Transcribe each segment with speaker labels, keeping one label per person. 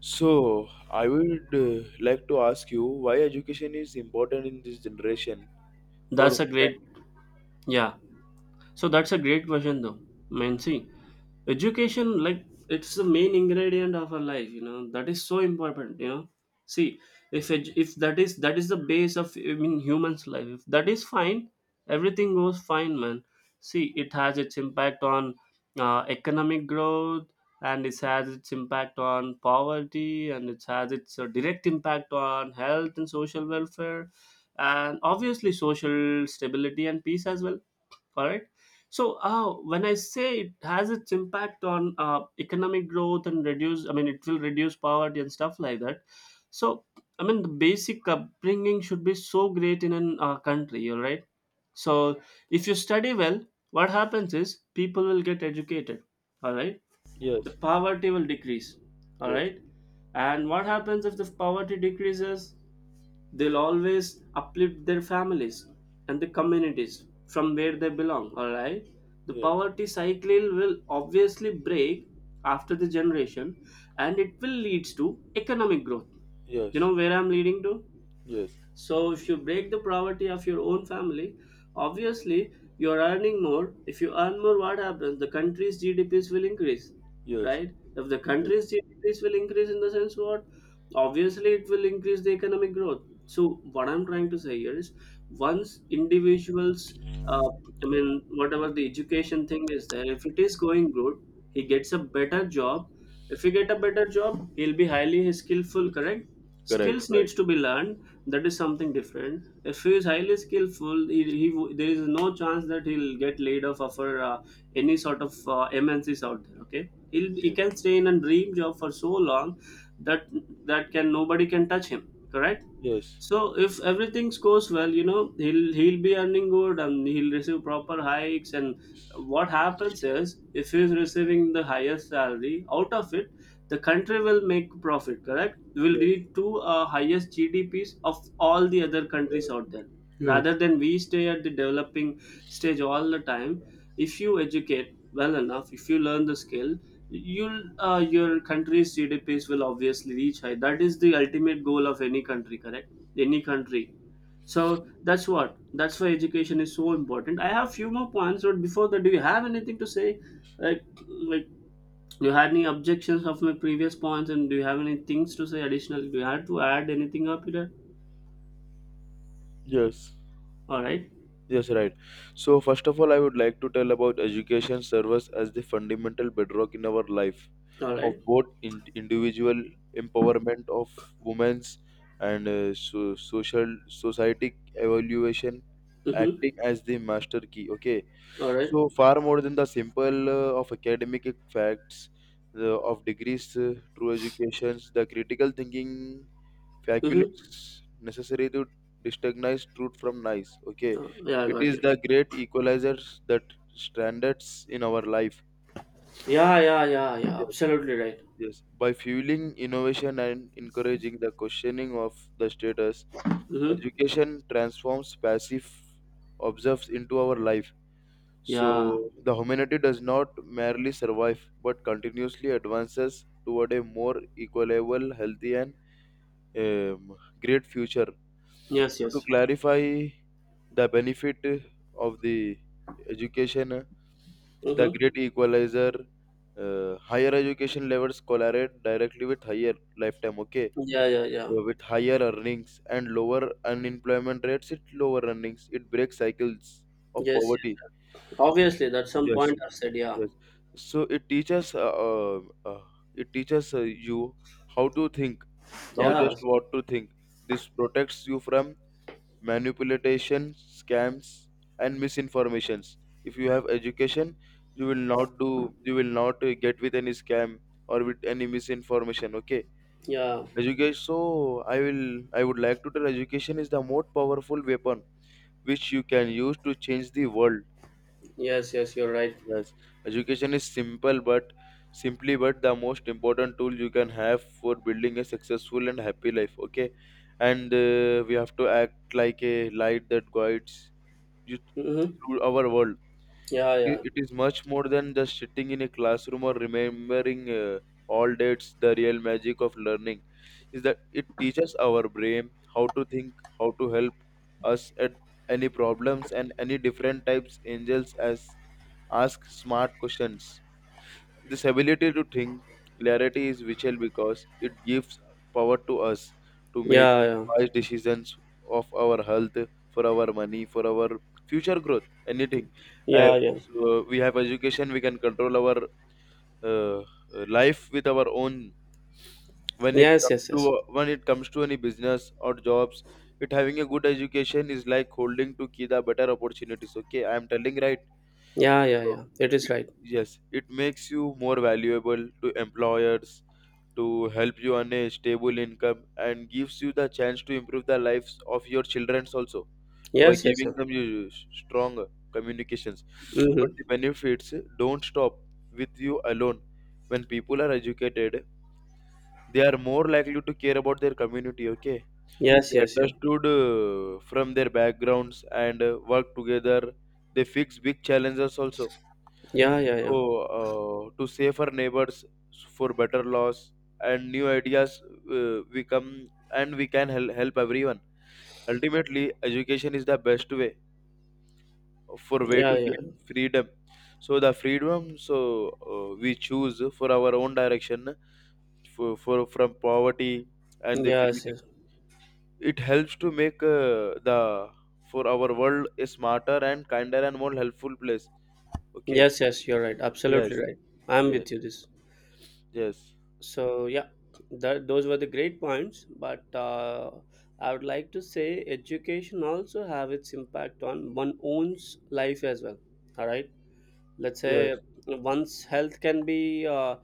Speaker 1: So, I would like to ask you why education is important in this generation. For
Speaker 2: That's a great,
Speaker 1: when?
Speaker 2: yeah. So that's a great question though. I mean, see, education, like, it's the main ingredient of our life, that is so important. See, if that is the base of, I mean, humans life. If that is fine, everything goes fine, man. See, it has its impact on economic growth, and it has its impact on poverty, and it has its direct impact on health and social welfare, and obviously social stability and peace as well. Correct. So when I say it has its impact on economic growth and reduce, I mean, it will reduce poverty and stuff like that. So, I mean, the basic upbringing should be so great in an country, all right? So if you study well, what happens is people will get educated, all right? The
Speaker 1: Yes,
Speaker 2: poverty will decrease, all
Speaker 1: yes,
Speaker 2: right? And what happens if the poverty decreases? They'll always uplift their families and the communities from where they belong, alright? The
Speaker 1: yes,
Speaker 2: poverty cycle will obviously break after the generation, and it will lead to economic growth. You
Speaker 1: yes,
Speaker 2: know where I'm leading to?
Speaker 1: yes,
Speaker 2: So if you break the poverty of your own family, obviously you're earning more. If you earn more, what happens? The country's GDPs will increase,
Speaker 1: yes,
Speaker 2: right? If the
Speaker 1: yes, yes,
Speaker 2: country's GDPs will increase, in the sense what? Obviously, it will increase the economic growth. So what I'm trying to say here is, once individuals, uh, I mean, whatever the education thing is there, if it is going good, he gets a better job. If he get a better job, he'll be highly skillful,
Speaker 1: yes.
Speaker 2: correct?
Speaker 1: Correct,
Speaker 2: Skills
Speaker 1: right.
Speaker 2: needs to be learned, that is something different. If he is highly skillful, there is no chance that he'll get laid off for any sort of MNCs out there. Okay, he
Speaker 1: Yes,
Speaker 2: can stay in a dream job for so long, that that can nobody can touch him, correct?
Speaker 1: yes,
Speaker 2: So if everything goes well, he'll be earning good, and he'll receive proper hikes. And what happens is if he's receiving the highest salary out of it, the country will make profit. Correct, will
Speaker 1: yes,
Speaker 2: lead to highest GDPs of all the other countries out there.
Speaker 1: yes,
Speaker 2: Rather than we stay at the developing stage all the time, if you educate well enough, if you learn the skill, you'll your country's GDPs will obviously reach high. That is the ultimate goal of any country, correct? Any country. So that's what. That's why education is so important. I have few more points, but before that, do you have anything to say? Like, do you have any objections of my previous points, and do you have any things to say additionally? Do you have to add anything up here?
Speaker 1: yes,
Speaker 2: All right.
Speaker 1: yes, right. So, first of all, I would like to tell about education serves as the fundamental bedrock in our life,
Speaker 2: All
Speaker 1: of
Speaker 2: right.
Speaker 1: both individual empowerment of women's and social society evaluation,
Speaker 2: Mm-hmm.
Speaker 1: acting as the master key. Okay,
Speaker 2: All right.
Speaker 1: so far more than the simple of academic facts, the, of degrees true educations the critical thinking
Speaker 2: Mm-hmm.
Speaker 1: faculties necessary to recognize truth from nice. Okay,
Speaker 2: Oh, yeah, I
Speaker 1: it
Speaker 2: got
Speaker 1: is
Speaker 2: you.
Speaker 1: the great equalizers that standards in our life.
Speaker 2: Yeah, yeah, yeah, yeah.
Speaker 1: Yes.
Speaker 2: Absolutely right.
Speaker 1: Yes, by fueling innovation and encouraging the questioning of the status,
Speaker 2: Mm-hmm.
Speaker 1: education transforms passive observes into our life.
Speaker 2: Yeah.
Speaker 1: So the humanity does not merely survive but continuously advances toward a more equitable, healthy, and um, great future.
Speaker 2: Yes,
Speaker 1: So to
Speaker 2: yes.
Speaker 1: clarify the benefit of the education, the
Speaker 2: Mm-hmm.
Speaker 1: great equalizer, higher education levels correlate directly with higher lifetime, okay?
Speaker 2: Yeah, yeah, yeah.
Speaker 1: With higher earnings and lower unemployment rates, it lower earnings, it breaks cycles of
Speaker 2: Yes, yes,
Speaker 1: poverty.
Speaker 2: yeah. Obviously, that's some
Speaker 1: Yes,
Speaker 2: point I've said. Yeah.
Speaker 1: yes. So uh, it teaches you how to think, now
Speaker 2: Yeah.
Speaker 1: just what to think. This protects you from manipulation, scams, and misinformations. If you have education, you will not do, you will not get with any scam or with any misinformation. Okay,
Speaker 2: Yeah.
Speaker 1: education. So I will, I would like to tell education is the most powerful weapon which you can use to change the world.
Speaker 2: Yes, yes. You're right.
Speaker 1: Yes, education is simple but simply but the most important tool you can have for building a successful and happy life. Okay, and we have to act like a light that guides you
Speaker 2: Mm-hmm.
Speaker 1: through our world.
Speaker 2: Yeah, yeah.
Speaker 1: It, it is much more than just sitting in a classroom or remembering all dates. The real magic of learning is that it teaches our brain how to think, how to help us at any problems and any different types. Angels as ask smart questions. This ability to think clarity is vital because it gives power to us to make
Speaker 2: Yeah, yeah.
Speaker 1: wise decisions of our health, for our money, for our future growth, anything. Uh,
Speaker 2: Yeah, yeah.
Speaker 1: so we have education, we can control our uh, life with our own. When it
Speaker 2: Yes,
Speaker 1: comes
Speaker 2: yes,
Speaker 1: to
Speaker 2: yes.
Speaker 1: when it comes to any business or jobs, it having a good education is like holding to key the better opportunities. Okay, I am telling right
Speaker 2: Yeah, yeah,
Speaker 1: so,
Speaker 2: yeah. It is right.
Speaker 1: it- yes, it makes you more valuable to employers to help you earn a stable income and gives you the chance to improve the lives of your children also by
Speaker 2: Yes, yes,
Speaker 1: giving
Speaker 2: yes.
Speaker 1: them you strong communications. But
Speaker 2: Mm-hmm.
Speaker 1: the benefits don't stop with you alone. When people are educated, they are more likely to care about their community. Okay,
Speaker 2: Yes,
Speaker 1: they
Speaker 2: yes, yeah.
Speaker 1: understood from their backgrounds and work together. They fix big challenges also,
Speaker 2: Yeah, yeah, yeah.
Speaker 1: so, to save our neighbors for better laws and new ideas, we come and we can help everyone. Ultimately, education is the best way for way
Speaker 2: Yeah,
Speaker 1: to
Speaker 2: yeah.
Speaker 1: gain freedom. So the freedom, so we choose for our own direction, for from poverty and the
Speaker 2: Yes,
Speaker 1: freedom.
Speaker 2: yes.
Speaker 1: It helps to make the for our world a smarter and kinder and more helpful place. Okay.
Speaker 2: Yes, yes, you're right. Absolutely
Speaker 1: Yes.
Speaker 2: right. I'm
Speaker 1: Yes.
Speaker 2: with you this.
Speaker 1: Yes.
Speaker 2: So, yeah, that those were the great points, but I would like to say education also have its impact on one own's life as well. All right. Let's
Speaker 1: Yes.
Speaker 2: say one's health can be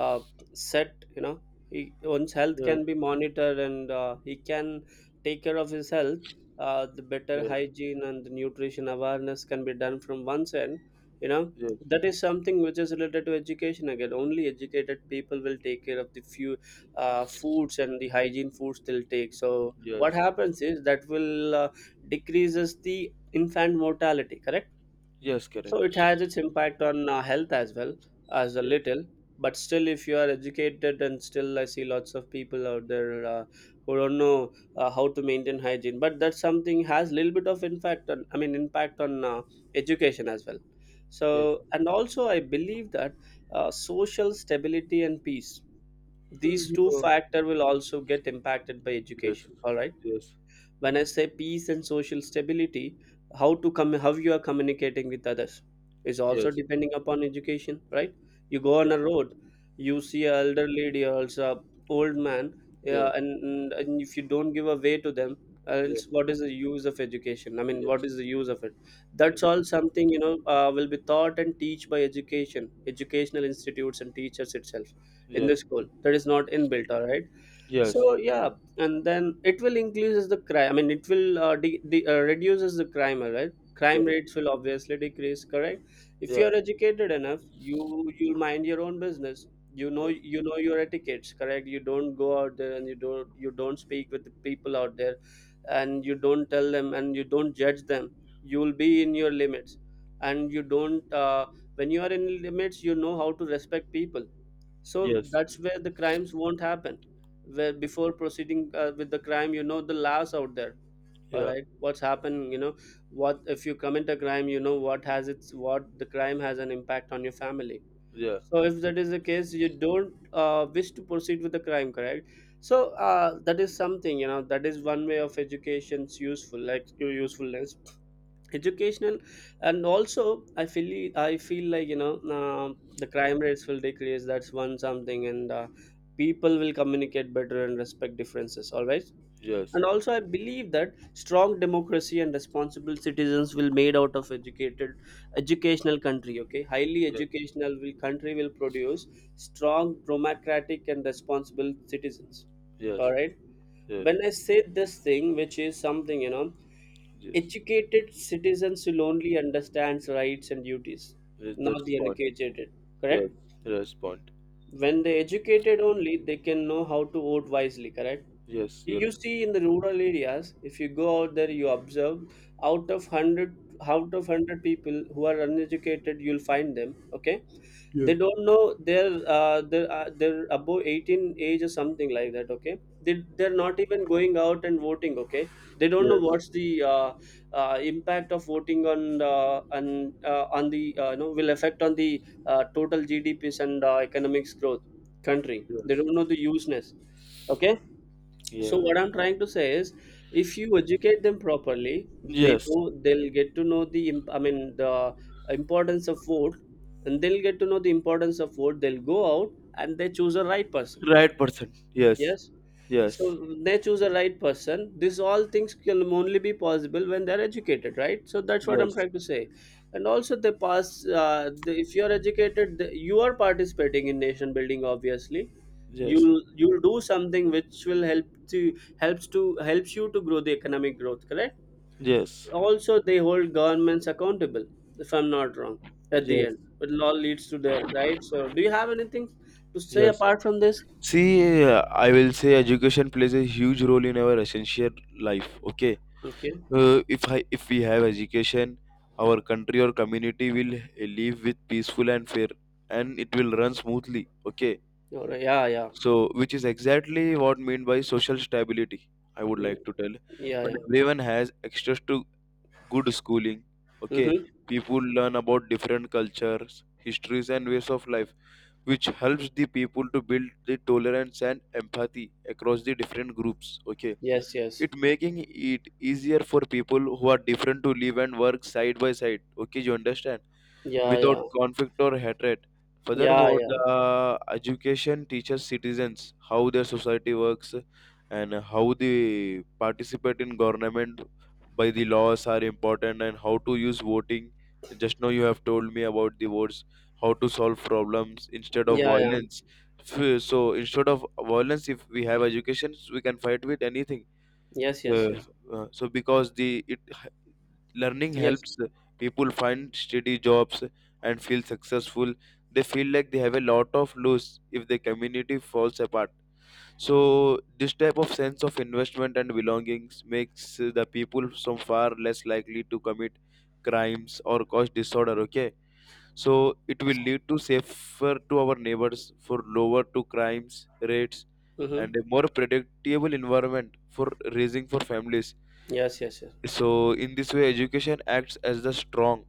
Speaker 2: uh, set, one's health
Speaker 1: Yes.
Speaker 2: can be monitored, and he can take care of his health. The better
Speaker 1: Yes,
Speaker 2: hygiene and the nutrition awareness can be done from one's end, you know
Speaker 1: yes,
Speaker 2: that is something which is related to education. Again, only educated people will take care of the few foods and the hygiene foods they'll take. So what
Speaker 1: yes,
Speaker 2: happens is that will decreases the infant mortality, correct?
Speaker 1: yes, correct.
Speaker 2: So it has its impact on health as well, as a
Speaker 1: Yes,
Speaker 2: little. But still, if you are educated, and still I see lots of people out there who don't know how to maintain hygiene. But that something has little bit of impact on, I mean, impact on education as well.
Speaker 1: yes,
Speaker 2: So and also I believe that social stability and peace, these two
Speaker 1: yeah,
Speaker 2: factor will also get impacted by
Speaker 1: yes,
Speaker 2: education. All right,
Speaker 1: yes,
Speaker 2: when I say peace and social stability, how to come how you are communicating with others is
Speaker 1: yes,
Speaker 2: also
Speaker 1: yes, yes,
Speaker 2: depending upon education, right? You go on
Speaker 1: yes,
Speaker 2: a road, you see an elder lady or else a old man,
Speaker 1: yes,
Speaker 2: yeah, and if you don't give a way to them,
Speaker 1: yes,
Speaker 2: else what is the use of education? I
Speaker 1: yes,
Speaker 2: mean,
Speaker 1: yes,
Speaker 2: what
Speaker 1: yes,
Speaker 2: is the use of it? That's all something, will be taught and teach by educational institutes and teachers itself in
Speaker 1: yeah,
Speaker 2: the school. That is not inbuilt, all right? So yeah. And then it will increases the crime, I mean, it will reduces the crime, right? Crime rates will obviously decrease, correct? If you
Speaker 1: yeah,
Speaker 2: are educated enough, you'll mind your own business, you know your etiquettes, correct? You don't go out there, and you don't speak with the people out there, and you don't tell them, and you don't judge them. You'll be in your limits, and you don't when you are in limits, you know how to respect people. So
Speaker 1: yes,
Speaker 2: that's where the crimes won't happen, where before proceeding with the crime, you know the laws out there, all
Speaker 1: yeah,
Speaker 2: right? What's happening, what if you commit a crime? You know what the crime has an impact on your family.
Speaker 1: yeah,
Speaker 2: So if that is the case, you don't wish to proceed with the crime, correct? So that is something, that is one way of education's usefulness. Educational. And also, I feel like, the crime rates will decrease. That's one something. And people will communicate better and respect differences, all right?
Speaker 1: yes,
Speaker 2: And also I believe that strong democracy and responsible citizens will made out of educated educational country. Okay, highly educational will country will produce strong democratic and responsible citizens, all
Speaker 1: yes,
Speaker 2: right?
Speaker 1: yes,
Speaker 2: When I
Speaker 1: yes,
Speaker 2: say this thing, which is something, you know,
Speaker 1: yes, yes,
Speaker 2: Educated citizens will only understand rights and duties, not
Speaker 1: that's
Speaker 2: the
Speaker 1: point.
Speaker 2: uneducated.
Speaker 1: Yes,
Speaker 2: Correct?
Speaker 1: that's point.
Speaker 2: When they educated only, they can know how to vote wisely. Correct?
Speaker 1: Yes,
Speaker 2: You
Speaker 1: you're.
Speaker 2: you see, in the rural areas, if you go out there, you observe, out of hundred out of hundred people who are uneducated, you'll find them. Okay,
Speaker 1: Yeah.
Speaker 2: they don't know they're above 18 age or something like that. Okay, they're not even going out and voting. Okay, they don't know
Speaker 1: Yes,
Speaker 2: what's the impact of voting on the will affect on the total GDPs and economics growth country. They
Speaker 1: yes,
Speaker 2: don't know the useness. Okay,
Speaker 1: yeah,
Speaker 2: so what I'm trying to say is, if you educate them properly,
Speaker 1: yes,
Speaker 2: they'll get to know the im- I mean the importance of vote. And they'll get to know the importance of vote, they'll go out and they choose a right person.
Speaker 1: right person. Yes,
Speaker 2: Yes.
Speaker 1: yes,
Speaker 2: So they choose the right person. These all things can only be possible when they're educated, right? So that's what I'm
Speaker 1: yes,
Speaker 2: trying to say. And also, they pass. If you're educated, you are participating in nation building. Obviously,
Speaker 1: yes,
Speaker 2: you'll do something which will helps you to grow the economic growth. Correct.
Speaker 1: yes,
Speaker 2: Also, they hold governments accountable. If I'm not wrong, at
Speaker 1: yes,
Speaker 2: the end,
Speaker 1: yes,
Speaker 2: but it all leads to there, right? So, do you have anything to say
Speaker 1: yes.
Speaker 2: apart from this?
Speaker 1: See, I will say education plays a huge role in our essential life. Okay,
Speaker 2: Okay.
Speaker 1: if we have education, our country or community will live with peaceful and fair, and it will run smoothly. Okay,
Speaker 2: All right. Yeah. Yeah.
Speaker 1: so which is exactly what mean by social stability. I would
Speaker 2: Mm,
Speaker 1: like to tell
Speaker 2: yeah,
Speaker 1: when
Speaker 2: yeah.
Speaker 1: everyone has access to good schooling. Okay,
Speaker 2: Mm-hmm.
Speaker 1: people learn about different cultures, histories, and ways of life, which helps the people to build the tolerance and empathy across the different groups. Okay,
Speaker 2: Yes, yes.
Speaker 1: it making it easier for people who are different to live and work side by side. Okay, you understand,
Speaker 2: Yeah,
Speaker 1: without
Speaker 2: yeah.
Speaker 1: conflict or hatred.
Speaker 2: Yeah,
Speaker 1: Furthermore,
Speaker 2: yeah.
Speaker 1: the education teaches citizens how their society works and how they participate in government, by the laws are important and how to use voting. Just now you have told me about the votes, how to solve problems instead of
Speaker 2: Yeah, yeah.
Speaker 1: violence. So instead of violence, if we have education we can fight with anything.
Speaker 2: Yes, yes,
Speaker 1: uh,
Speaker 2: yes.
Speaker 1: so because the learning
Speaker 2: Yes.
Speaker 1: helps people find steady jobs and feel successful. They feel like they have a lot of lose if the community falls apart. So this type of sense of investment and belongings makes the people so far less likely to commit crimes or cause disorder. Okay, so it will lead to safer to our neighbors for lower to crimes rates
Speaker 2: Mm-hmm.
Speaker 1: and a more predictable environment for raising for families.
Speaker 2: Yes, yes, yes.
Speaker 1: So in this way, education acts as the strong,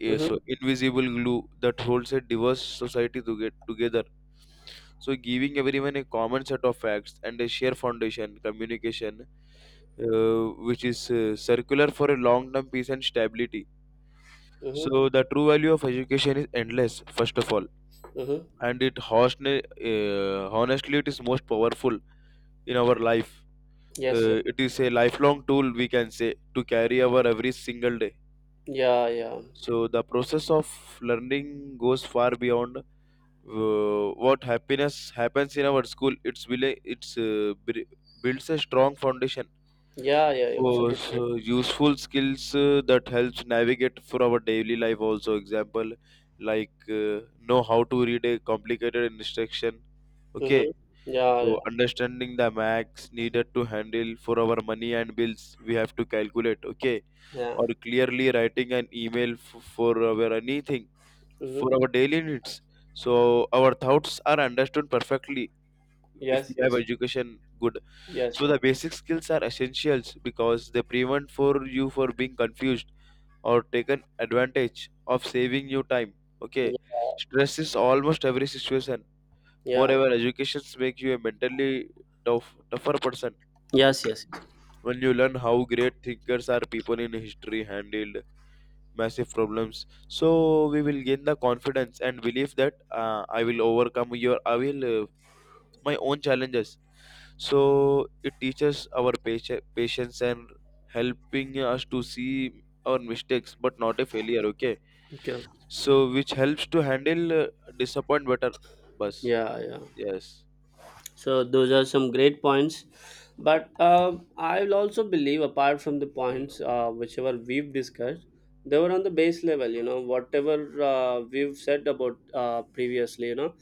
Speaker 1: so
Speaker 2: Mm-hmm.
Speaker 1: invisible glue that holds a diverse society to get together. So giving everyone a common set of facts and a shared foundation, communication, which is circular for a long-term peace and stability.
Speaker 2: Mm-hmm.
Speaker 1: So the true value of education is endless, first of all,
Speaker 2: Mm-hmm.
Speaker 1: and it honestly, honestly it is most powerful in our life.
Speaker 2: Yes, yes,
Speaker 1: It is a lifelong tool we can say to carry our every single day.
Speaker 2: yeah. Yeah, yeah.
Speaker 1: So the process of learning goes far beyond what happiness happens in our school. It's really, it's builds a strong foundation
Speaker 2: Yeah, yeah,
Speaker 1: for
Speaker 2: absolutely.
Speaker 1: so useful skills that helps navigate for our daily life. Also, example like know how to read a complicated instruction. Okay,
Speaker 2: Mm-hmm. Yeah, yeah.
Speaker 1: so understanding the max needed to handle for our money and bills we have to calculate. Okay,
Speaker 2: Yeah.
Speaker 1: or clearly writing an email for our anything for
Speaker 2: Mm-hmm.
Speaker 1: our daily needs. So our thoughts are understood perfectly if we
Speaker 2: Yes,
Speaker 1: have
Speaker 2: yes.
Speaker 1: education good.
Speaker 2: Yes.
Speaker 1: So the basic skills are essentials because they prevent for you for being confused or taken advantage of saving you time.
Speaker 2: Yeah.
Speaker 1: Okay. Stress is almost every situation.
Speaker 2: Yeah.
Speaker 1: Moreover, educations make you a mentally tougher person.
Speaker 2: Yes,
Speaker 1: Okay.
Speaker 2: yes, yes.
Speaker 1: When you learn how great thinkers are people in history handled massive problems, so we will gain the confidence and belief that I will overcome your I will my own challenges. So it teaches our patience and helping us to see our mistakes but not a failure. Okay,
Speaker 2: Okay.
Speaker 1: so which helps to handle disappoint better bus.
Speaker 2: Yeah, yeah.
Speaker 1: Yes,
Speaker 2: So those are some great points. But I will also believe, apart from the
Speaker 1: yes,
Speaker 2: points whichever we've discussed, they were on the base level. You know, whatever we've said about previously, you know,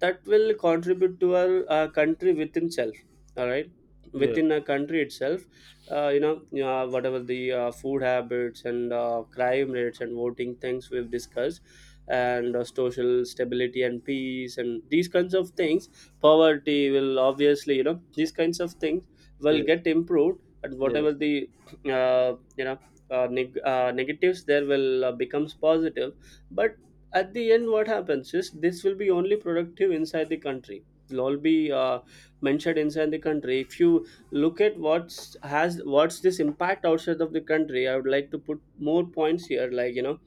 Speaker 2: that will contribute to our country within itself. All right,
Speaker 1: yes,
Speaker 2: within a country itself, whatever the food habits and crime rates and voting things we've discussed, and social stability and peace and these kinds of things, poverty will obviously, these kinds of things will
Speaker 1: yes,
Speaker 2: get improved. And
Speaker 1: yes,
Speaker 2: whatever the uh, you know negatives there will becomes positive. But at the end, what happens is this will be only productive inside the country. It will all be mentioned inside the country. If you look at what's this impact outside of the country, I would like to put more points here, like you know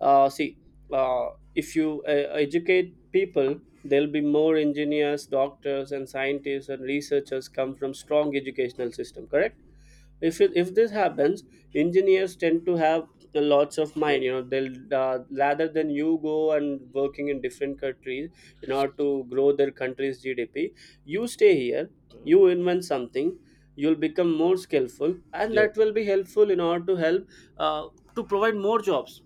Speaker 2: uh, see. uh, if you educate people, there'll be more engineers, doctors, and scientists, and researchers come from strong educational system, correct? If this happens, engineers tend to have lots of
Speaker 1: yes,
Speaker 2: mind, they'll, rather than you go and working in different countries in order to grow their country's GDP, you stay here,
Speaker 1: uh,
Speaker 2: you invent something, you'll become more skillful, and
Speaker 1: yes,
Speaker 2: that will be helpful in order to help, uh, to provide more jobs.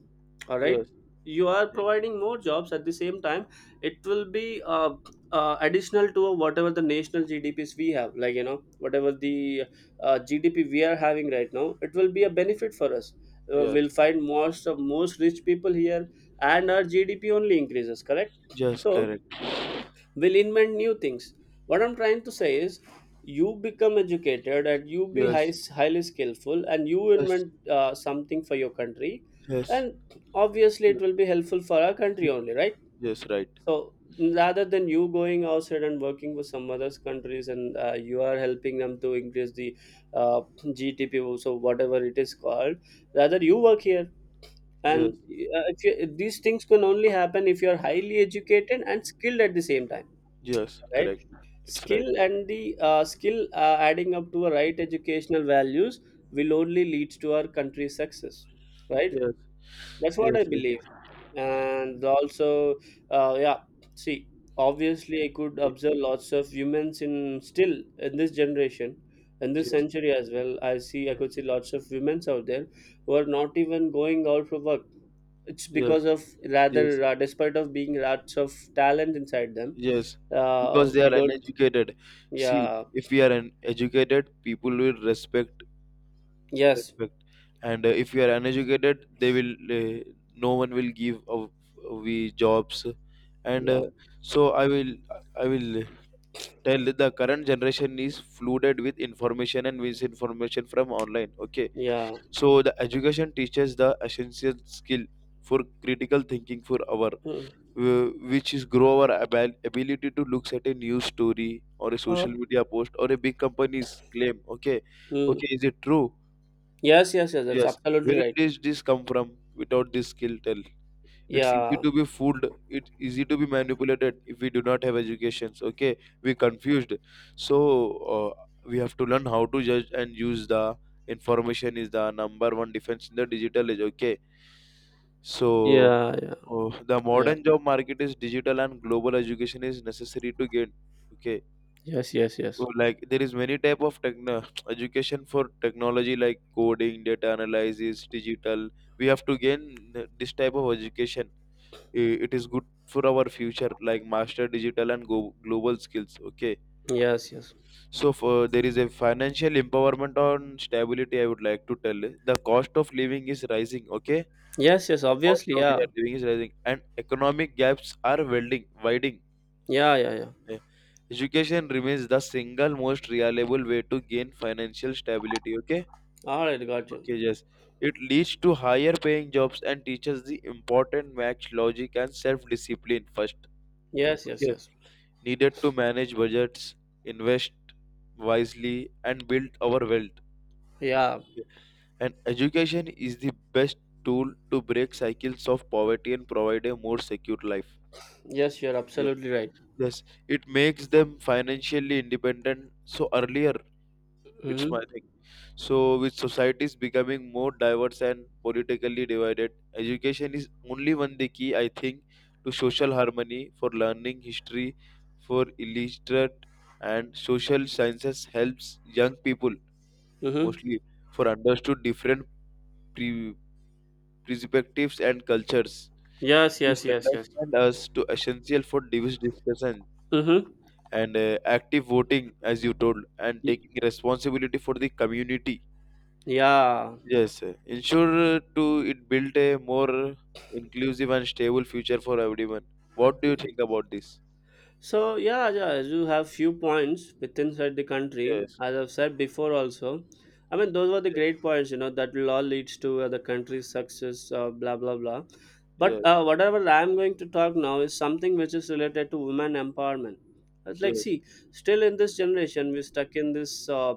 Speaker 2: All right,
Speaker 1: yes,
Speaker 2: you are providing more jobs at the same time. It will be additional to whatever the national GDPs we have, whatever the GDP we are having right now. It will be a
Speaker 1: yes,
Speaker 2: benefit for us.
Speaker 1: yes,
Speaker 2: We'll find most rich people here, and our GDP only increases. Correct.
Speaker 1: yes,
Speaker 2: So
Speaker 1: correct,
Speaker 2: we'll invent new things. What I'm trying to say is, you become educated and you be
Speaker 1: yes,
Speaker 2: highly skillful, and you
Speaker 1: yes,
Speaker 2: invent something for your country,
Speaker 1: yes.
Speaker 2: and obviously it will be helpful for our country only, right?
Speaker 1: Yes, right.
Speaker 2: So rather than you going outside and working with some other countries and you are helping them to increase the GDP, so whatever it is called, rather you work here. And
Speaker 1: Yes,
Speaker 2: if you, these things can only happen if you are highly educated and skilled at the same time,
Speaker 1: yes,
Speaker 2: right?
Speaker 1: correct. It's right.
Speaker 2: Skill and the skill adding up to a right educational values will only lead to our country's success, right?
Speaker 1: Yes,
Speaker 2: That's what I
Speaker 1: yes, yes.
Speaker 2: believe. And also, yeah, see, obviously I could
Speaker 1: Okay.
Speaker 2: observe lots of women's in still in this generation, in this
Speaker 1: Yes,
Speaker 2: century as well, I see, I
Speaker 1: yes,
Speaker 2: could see lots of women's out there who are not even going out for work. It's
Speaker 1: yes,
Speaker 2: because of,
Speaker 1: yes,
Speaker 2: rather, despite of being lots of talent inside them,
Speaker 1: yes. Because they
Speaker 2: we
Speaker 1: are
Speaker 2: don't.
Speaker 1: uneducated. See,
Speaker 2: Yeah.
Speaker 1: if we are educated, people will respect,
Speaker 2: Yes.
Speaker 1: respect. And if we are uneducated, they will. Uh, no one will give of we jobs, and
Speaker 2: Yeah.
Speaker 1: so I will. I will tell that the current generation is flooded with information and misinformation from online. Okay,
Speaker 2: Yeah.
Speaker 1: so the education teaches the essential skill for critical thinking for our
Speaker 2: Mm.
Speaker 1: which is grow our ability to look at a news story or a
Speaker 2: Uh,
Speaker 1: social media post or a big company's claim. Okay,
Speaker 2: Mm.
Speaker 1: okay, is it true?
Speaker 2: Yes, yes, yes, that's
Speaker 1: Yes,
Speaker 2: absolutely
Speaker 1: where
Speaker 2: right.
Speaker 1: does this come from without this skill, tell? It's easy
Speaker 2: Yeah,
Speaker 1: to be fooled, it's easy to be manipulated if we do not have educations. Okay, we confused. So we have to learn how to judge and use the information is the number one defense in the digital age. Okay, so
Speaker 2: yeah, yeah,
Speaker 1: the
Speaker 2: yeah.
Speaker 1: modern job market is digital and global, education is necessary to gain. Okay.
Speaker 2: Yes, yes,
Speaker 1: So,
Speaker 2: yes,
Speaker 1: like there is many type of techno education for technology like coding, data analysis, digital, we have to gain this type of education. It is good for our future, like master digital and go global skills. Okay,
Speaker 2: yes, yes.
Speaker 1: so for there is a financial empowerment on stability, I would like to tell you. The cost of living is rising. Okay,
Speaker 2: Yes, yes,
Speaker 1: the cost
Speaker 2: obviously,
Speaker 1: of we
Speaker 2: yeah.
Speaker 1: are living is rising and economic gaps are welding widening.
Speaker 2: Yeah, yeah, yeah.
Speaker 1: Eh, education remains the single most reliable way to gain financial stability. Okay,
Speaker 2: All right, got you.
Speaker 1: okay, yes, it leads to higher paying jobs and teaches the important match logic and self discipline first.
Speaker 2: Yes, yes,
Speaker 1: Okay?
Speaker 2: yes.
Speaker 1: Needed to manage budgets, invest wisely, and build our wealth.
Speaker 2: Yeah.
Speaker 1: And education is the best tool to break cycles of poverty and provide a more secure life.
Speaker 2: Yes, you're
Speaker 1: Ye-
Speaker 2: absolutely right.
Speaker 1: Yes, it makes them financially independent so earlier. It's my
Speaker 2: Mm-hmm.
Speaker 1: thing. So, with societies becoming more diverse and politically divided, education is only one the key, I think, to social harmony, for learning history, for illiterate and social sciences helps young people
Speaker 2: Mm-hmm.
Speaker 1: mostly for understood different pre- perspectives and cultures.
Speaker 2: Yes,
Speaker 1: This
Speaker 2: yes, yes, yes.
Speaker 1: understand us to essential for diverse discussion
Speaker 2: Mm-hmm.
Speaker 1: and active voting, as you told, and taking responsibility for the community.
Speaker 2: Yeah.
Speaker 1: Yes, sir. Ensure to it build a more inclusive and stable future for everyone. What do you think about this?
Speaker 2: So yeah, yeah, you have few points with inside the country,
Speaker 1: Yes,
Speaker 2: as I've said before also. I mean, those were the
Speaker 1: yes,
Speaker 2: great points, you know, that will all leads to the country's success, blah blah blah. But
Speaker 1: yes,
Speaker 2: whatever I'm going to talk now is something which is related to women empowerment. It's like,
Speaker 1: yes,
Speaker 2: see, still in this generation, we're stuck in this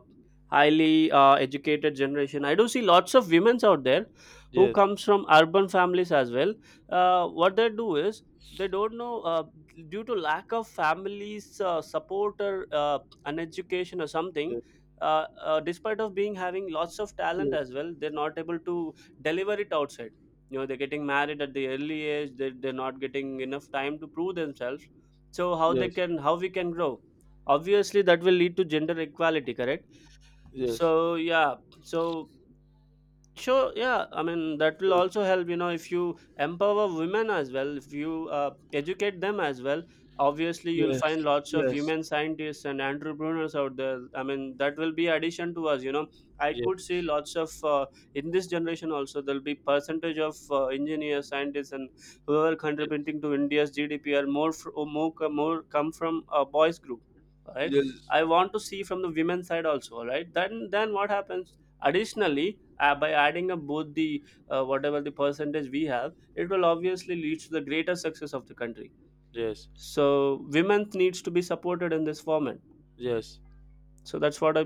Speaker 2: highly educated generation. I do see lots of women's out there who
Speaker 1: yes,
Speaker 2: comes from urban families as well. What they do is they don't know, due to lack of families, support or an education or something,
Speaker 1: yes,
Speaker 2: despite of being having lots of talent
Speaker 1: yes,
Speaker 2: as well, they're not able to deliver it outside, they're getting married at the early age, they're not getting enough time to prove themselves. So how they
Speaker 1: yes,
Speaker 2: can, how we can grow? Obviously that will lead to gender equality, correct?
Speaker 1: yes.
Speaker 2: So yeah. So sure, yeah, I mean that
Speaker 1: Okay,
Speaker 2: will
Speaker 1: okay.
Speaker 2: also help, if you empower women as well, if you educate them as well, obviously you'll find
Speaker 1: Yes,
Speaker 2: lots of
Speaker 1: yes,
Speaker 2: women scientists and entrepreneurs out there, I mean that will be addition to us. I
Speaker 1: yes,
Speaker 2: could see lots of in this generation also there'll be percentage of engineers, scientists, and whoever
Speaker 1: yes,
Speaker 2: contributing to India's GDP are more fr- more co- more come from a boys group, right?
Speaker 1: yes,
Speaker 2: I want to see from the women side also, right? Then what happens additionally, by adding up both the whatever the percentage we have, it will obviously lead to the greater success of the country.
Speaker 1: yes,
Speaker 2: So women needs to be supported in this format.
Speaker 1: yes.
Speaker 2: So that's what I